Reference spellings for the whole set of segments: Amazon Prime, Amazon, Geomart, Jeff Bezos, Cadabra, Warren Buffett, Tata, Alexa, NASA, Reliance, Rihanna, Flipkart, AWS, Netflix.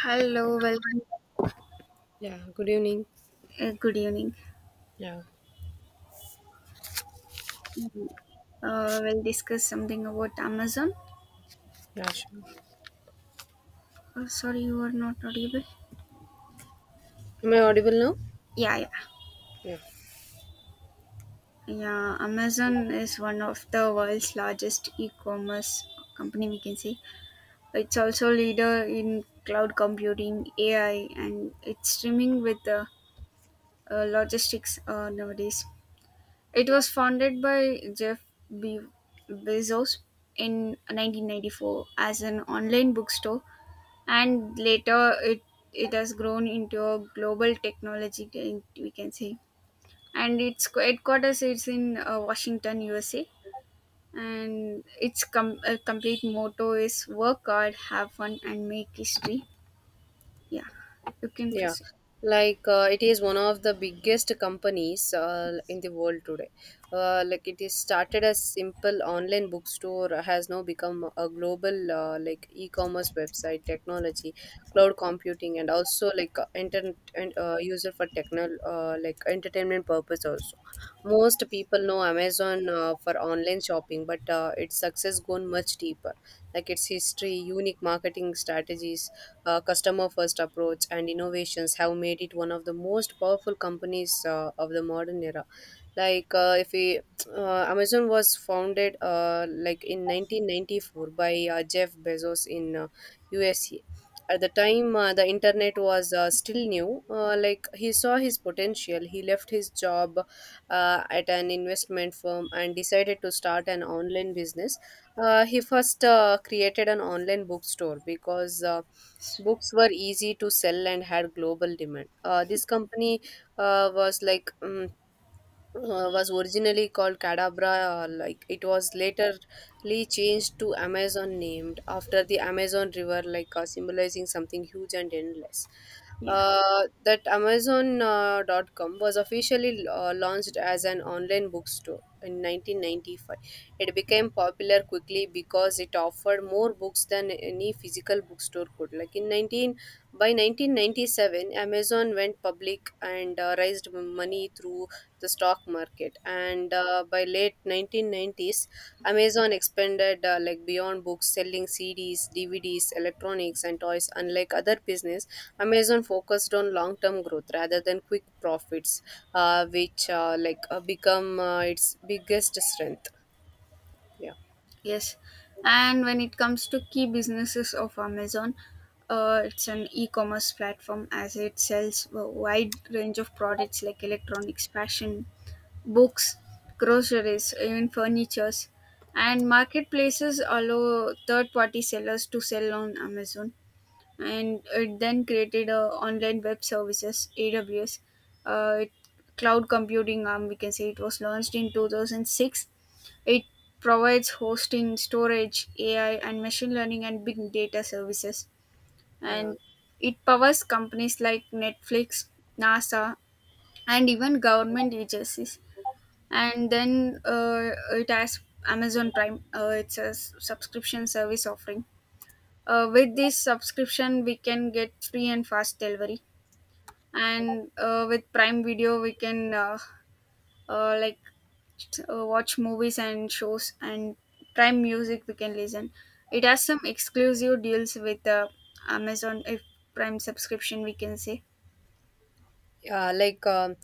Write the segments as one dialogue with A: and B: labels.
A: Hello, welcome.
B: Yeah, good evening.
A: Good evening.
B: Yeah,
A: We'll discuss something about Amazon.
B: yeah, sure.
A: Oh, sorry, you are not audible.
B: Am I audible now?
A: Yeah, yeah,
B: Yeah.
A: yeah. Amazon is one of the world's largest e-commerce company, we can say. It's also leader in cloud computing, AI, and it's streaming with the logistics nowadays. It was founded by Jeff Be- Bezos in 1994 as an online bookstore, and later it has grown into a global technology giant, we can say, and its headquarters is in Washington, USA, and its complete motto is work hard, have fun and make history. Yeah, you can
B: Yeah,
A: proceed.
B: it is one of the biggest companies in the world today. Like it is started as simple online bookstore has now become a global e-commerce website, technology, cloud computing, and also internet and user for techno like entertainment purpose also. Most people know Amazon for online shopping, but its success gone much deeper. Like its history, unique marketing strategies, customer first approach and innovations have made it one of the most powerful companies of the modern era. Like if we Amazon was founded in 1994 by Jeff Bezos in USA. At the time the internet was still new. He saw his potential. He left his job at an investment firm and decided to start an online business. He first created an online bookstore because books were easy to sell and had global demand. This company uh, was like mm was originally called Cadabra. It was laterly changed to Amazon, named after the Amazon River, symbolizing something huge and endless.
A: Yeah.
B: That Amazon dot com was officially launched as an online bookstore in 1995. It became popular quickly because it offered more books than any physical bookstore could. Like in 19 By 1997, Amazon went public and raised money through the stock market, and by late 1990s Amazon expanded beyond books, selling cds dvds electronics and toys. Unlike other business, Amazon focused on long term growth rather than quick profits, which like become its biggest strength. Yeah.
A: Yes, and when it comes to key businesses of Amazon, it's an e-commerce platform as it sells a wide range of products like electronics, fashion, books, groceries, even furnitures, and marketplaces allow third-party sellers to sell on Amazon. And it then created a online web services (AWS), uh, it- cloud computing arm, we can say. It was launched in 2006. It provides hosting, storage, AI, and machine learning and big data services.
B: yeah
A: And it powers companies like Netflix, NASA, and even government agencies. And then it has Amazon Prime, it's a subscription service offering. With this subscription we can get free and fast delivery, and with Prime Video we can uh, like watch movies and shows, and Prime Music we can listen. It has some exclusive deals with Amazon, if Prime subscription, we can say.
B: uh, like um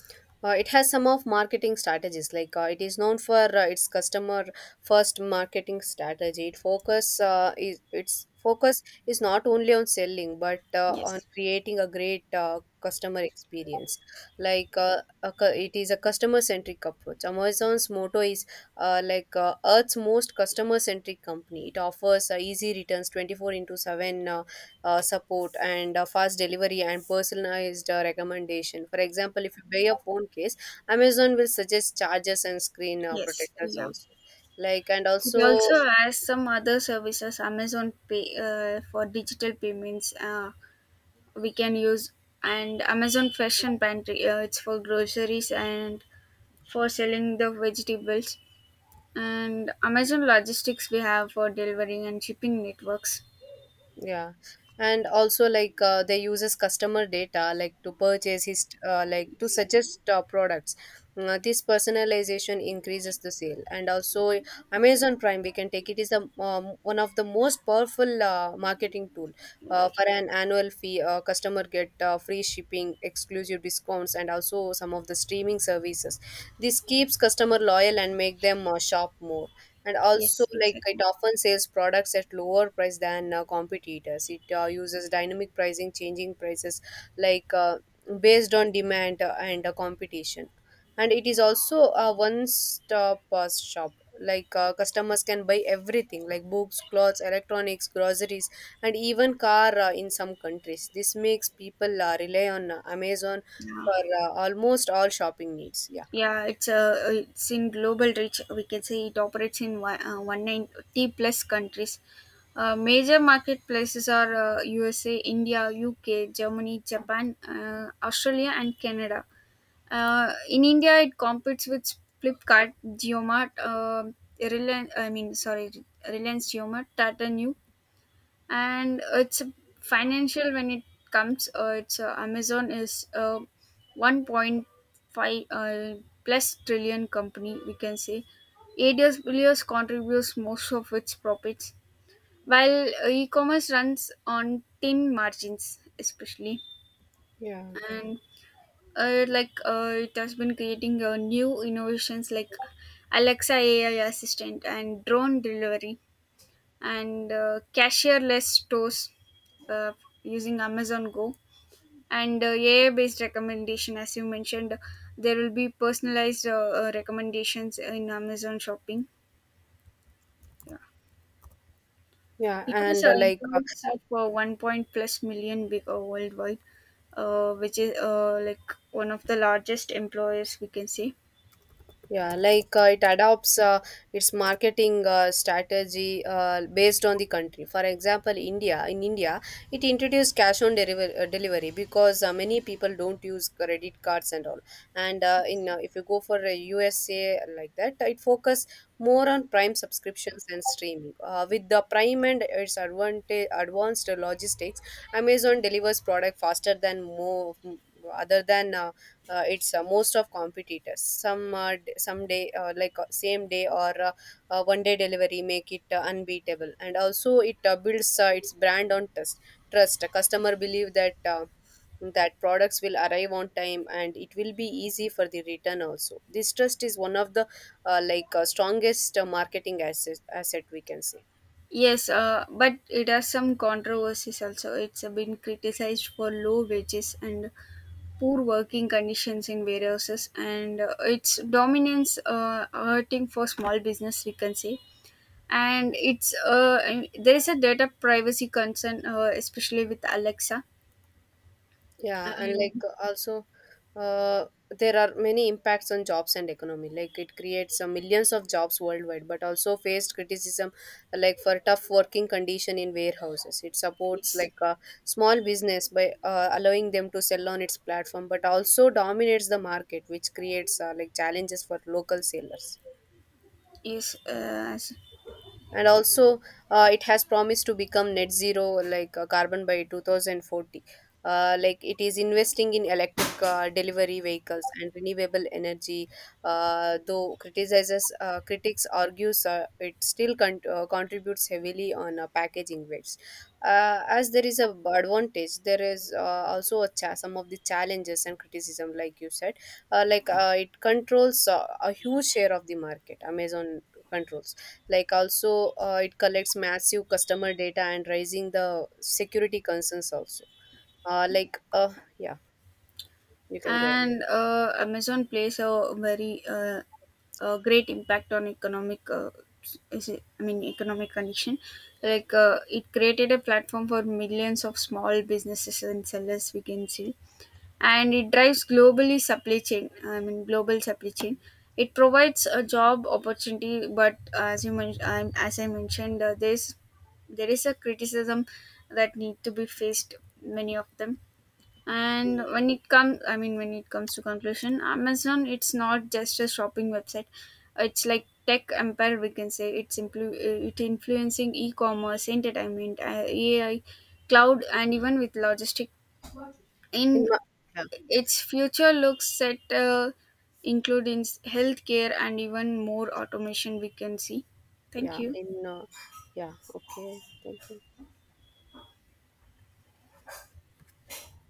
B: it has some of marketing strategies. It is known for its customer first marketing strategy. It focus is Its focus is not only on selling, but on
A: Yes.
B: creating a great customer experience. It is a customer centric approach. Amazon's motto is earth's most customer centric company. It offers easy returns, 24 into 7 support, and fast delivery and personalized recommendation. For example, if you buy a phone case, Amazon will suggest chargers and screen
A: Yes,
B: protectors
A: yeah.
B: also. Like and
A: It
B: also
A: also has some other services. Amazon Pay for digital payments we can use, and Amazon Fashion Pantry. It's for groceries and for selling the vegetables, and Amazon Logistics we have for delivering and shipping networks.
B: Yeah, and also they uses customer data, like to purchase his to suggest products. This personalization increases the sale, and also Amazon Prime we can take it is the one of the most powerful marketing tool. For an annual fee, customer get free shipping, exclusive discounts, and also some of the streaming services. This keeps customer loyal and make them shop more, and also
A: Yes,
B: it
A: exactly.
B: often sells products at lower price than competitors. It Uses dynamic pricing, changing prices like uh, based on demand and competition. And it is also a one stop shop. Customers can buy everything, like books clothes electronics groceries and even car in some countries. This makes people rely on Amazon
A: Yeah.
B: for almost all shopping needs. Yeah.
A: Yeah, it's in global reach, we can say. It operates in one 190 plus countries. Major marketplaces are USA, India, UK, Germany, Japan, Australia, and Canada. In India, it competes with Flipkart, Geomart, Reliance. I mean, sorry, Reliance Geomart, Tata New, and it's financial when it comes it's Amazon is 1.5 plus trillion company, we can say. AWS contributes most of its profits while e-commerce runs on thin margins, especially.
B: Yeah.
A: And it has been creating new innovations like Alexa AI assistant and drone delivery and cashierless stores uh, using Amazon Go, and AI based recommendation, as you mentioned there will be personalized recommendations in Amazon shopping. Yeah.
B: yeah
A: It has
B: and like
A: employees of 1 point plus million big, worldwide, which is one of the largest employers, we can say.
B: Yeah, like it adopts its marketing strategy based on the country. For example, India. In India, it introduced delivery, because many people don't use credit cards and all. And in if you go for USA like that, it focus more on Prime subscriptions and streaming. With the Prime and its advanced logistics, Amazon delivers product faster than more other than it's most of competitors. Some day, same day, or 1 day delivery make it unbeatable. And also it builds its brand on trust. A customer believe that products will arrive on time and it will be easy for the return also. This trust is one of the strongest marketing asset, we can say.
A: Yes, but it has some controversies also. It's been criticized for low wages and poor working conditions in warehouses, and its dominance hurting for small business, we can say. And it's and there is a data privacy concern, especially with Alexa.
B: Yeah, and like
A: And
B: uh, also, uh, there are many impacts on jobs and economy. Like it creates millions of jobs worldwide, but also faced criticism like for tough working condition in warehouses. It supports
A: yes.
B: small business by allowing them to sell on its platform, but also dominates the market, which creates challenges for local sellers.
A: Yes,
B: And also it has promised to become net zero, carbon, by 2040. It is investing in electric delivery vehicles and renewable energy. Though criticizes Critics argues it still contributes heavily on packaging waste. As there is a b- advantage, there is also a some of the challenges and criticism like you said. It controls a huge share of the market. Amazon controls. Like also It collects massive customer data and raising the security concerns also. uh, like uh yeah, you can go ahead.
A: and Amazon plays a very a great impact on economic, I mean economic condition. Like, it created a platform for millions of small businesses and sellers, we can see, and it drives global supply chain. It provides a job opportunity, but as I mentioned, there is a criticism that need to be faced, many of them. And when it comes to conclusion, Amazon, it's not just a shopping website, it's like tech empire, we can say. It's it influencing e-commerce, entertainment, AI, cloud, and even with logistic.
B: in
A: In
B: my, Yeah.
A: its future looks set include in healthcare and even more automation, we can see. Thank
B: yeah
A: you.
B: in Yeah, okay, thank you.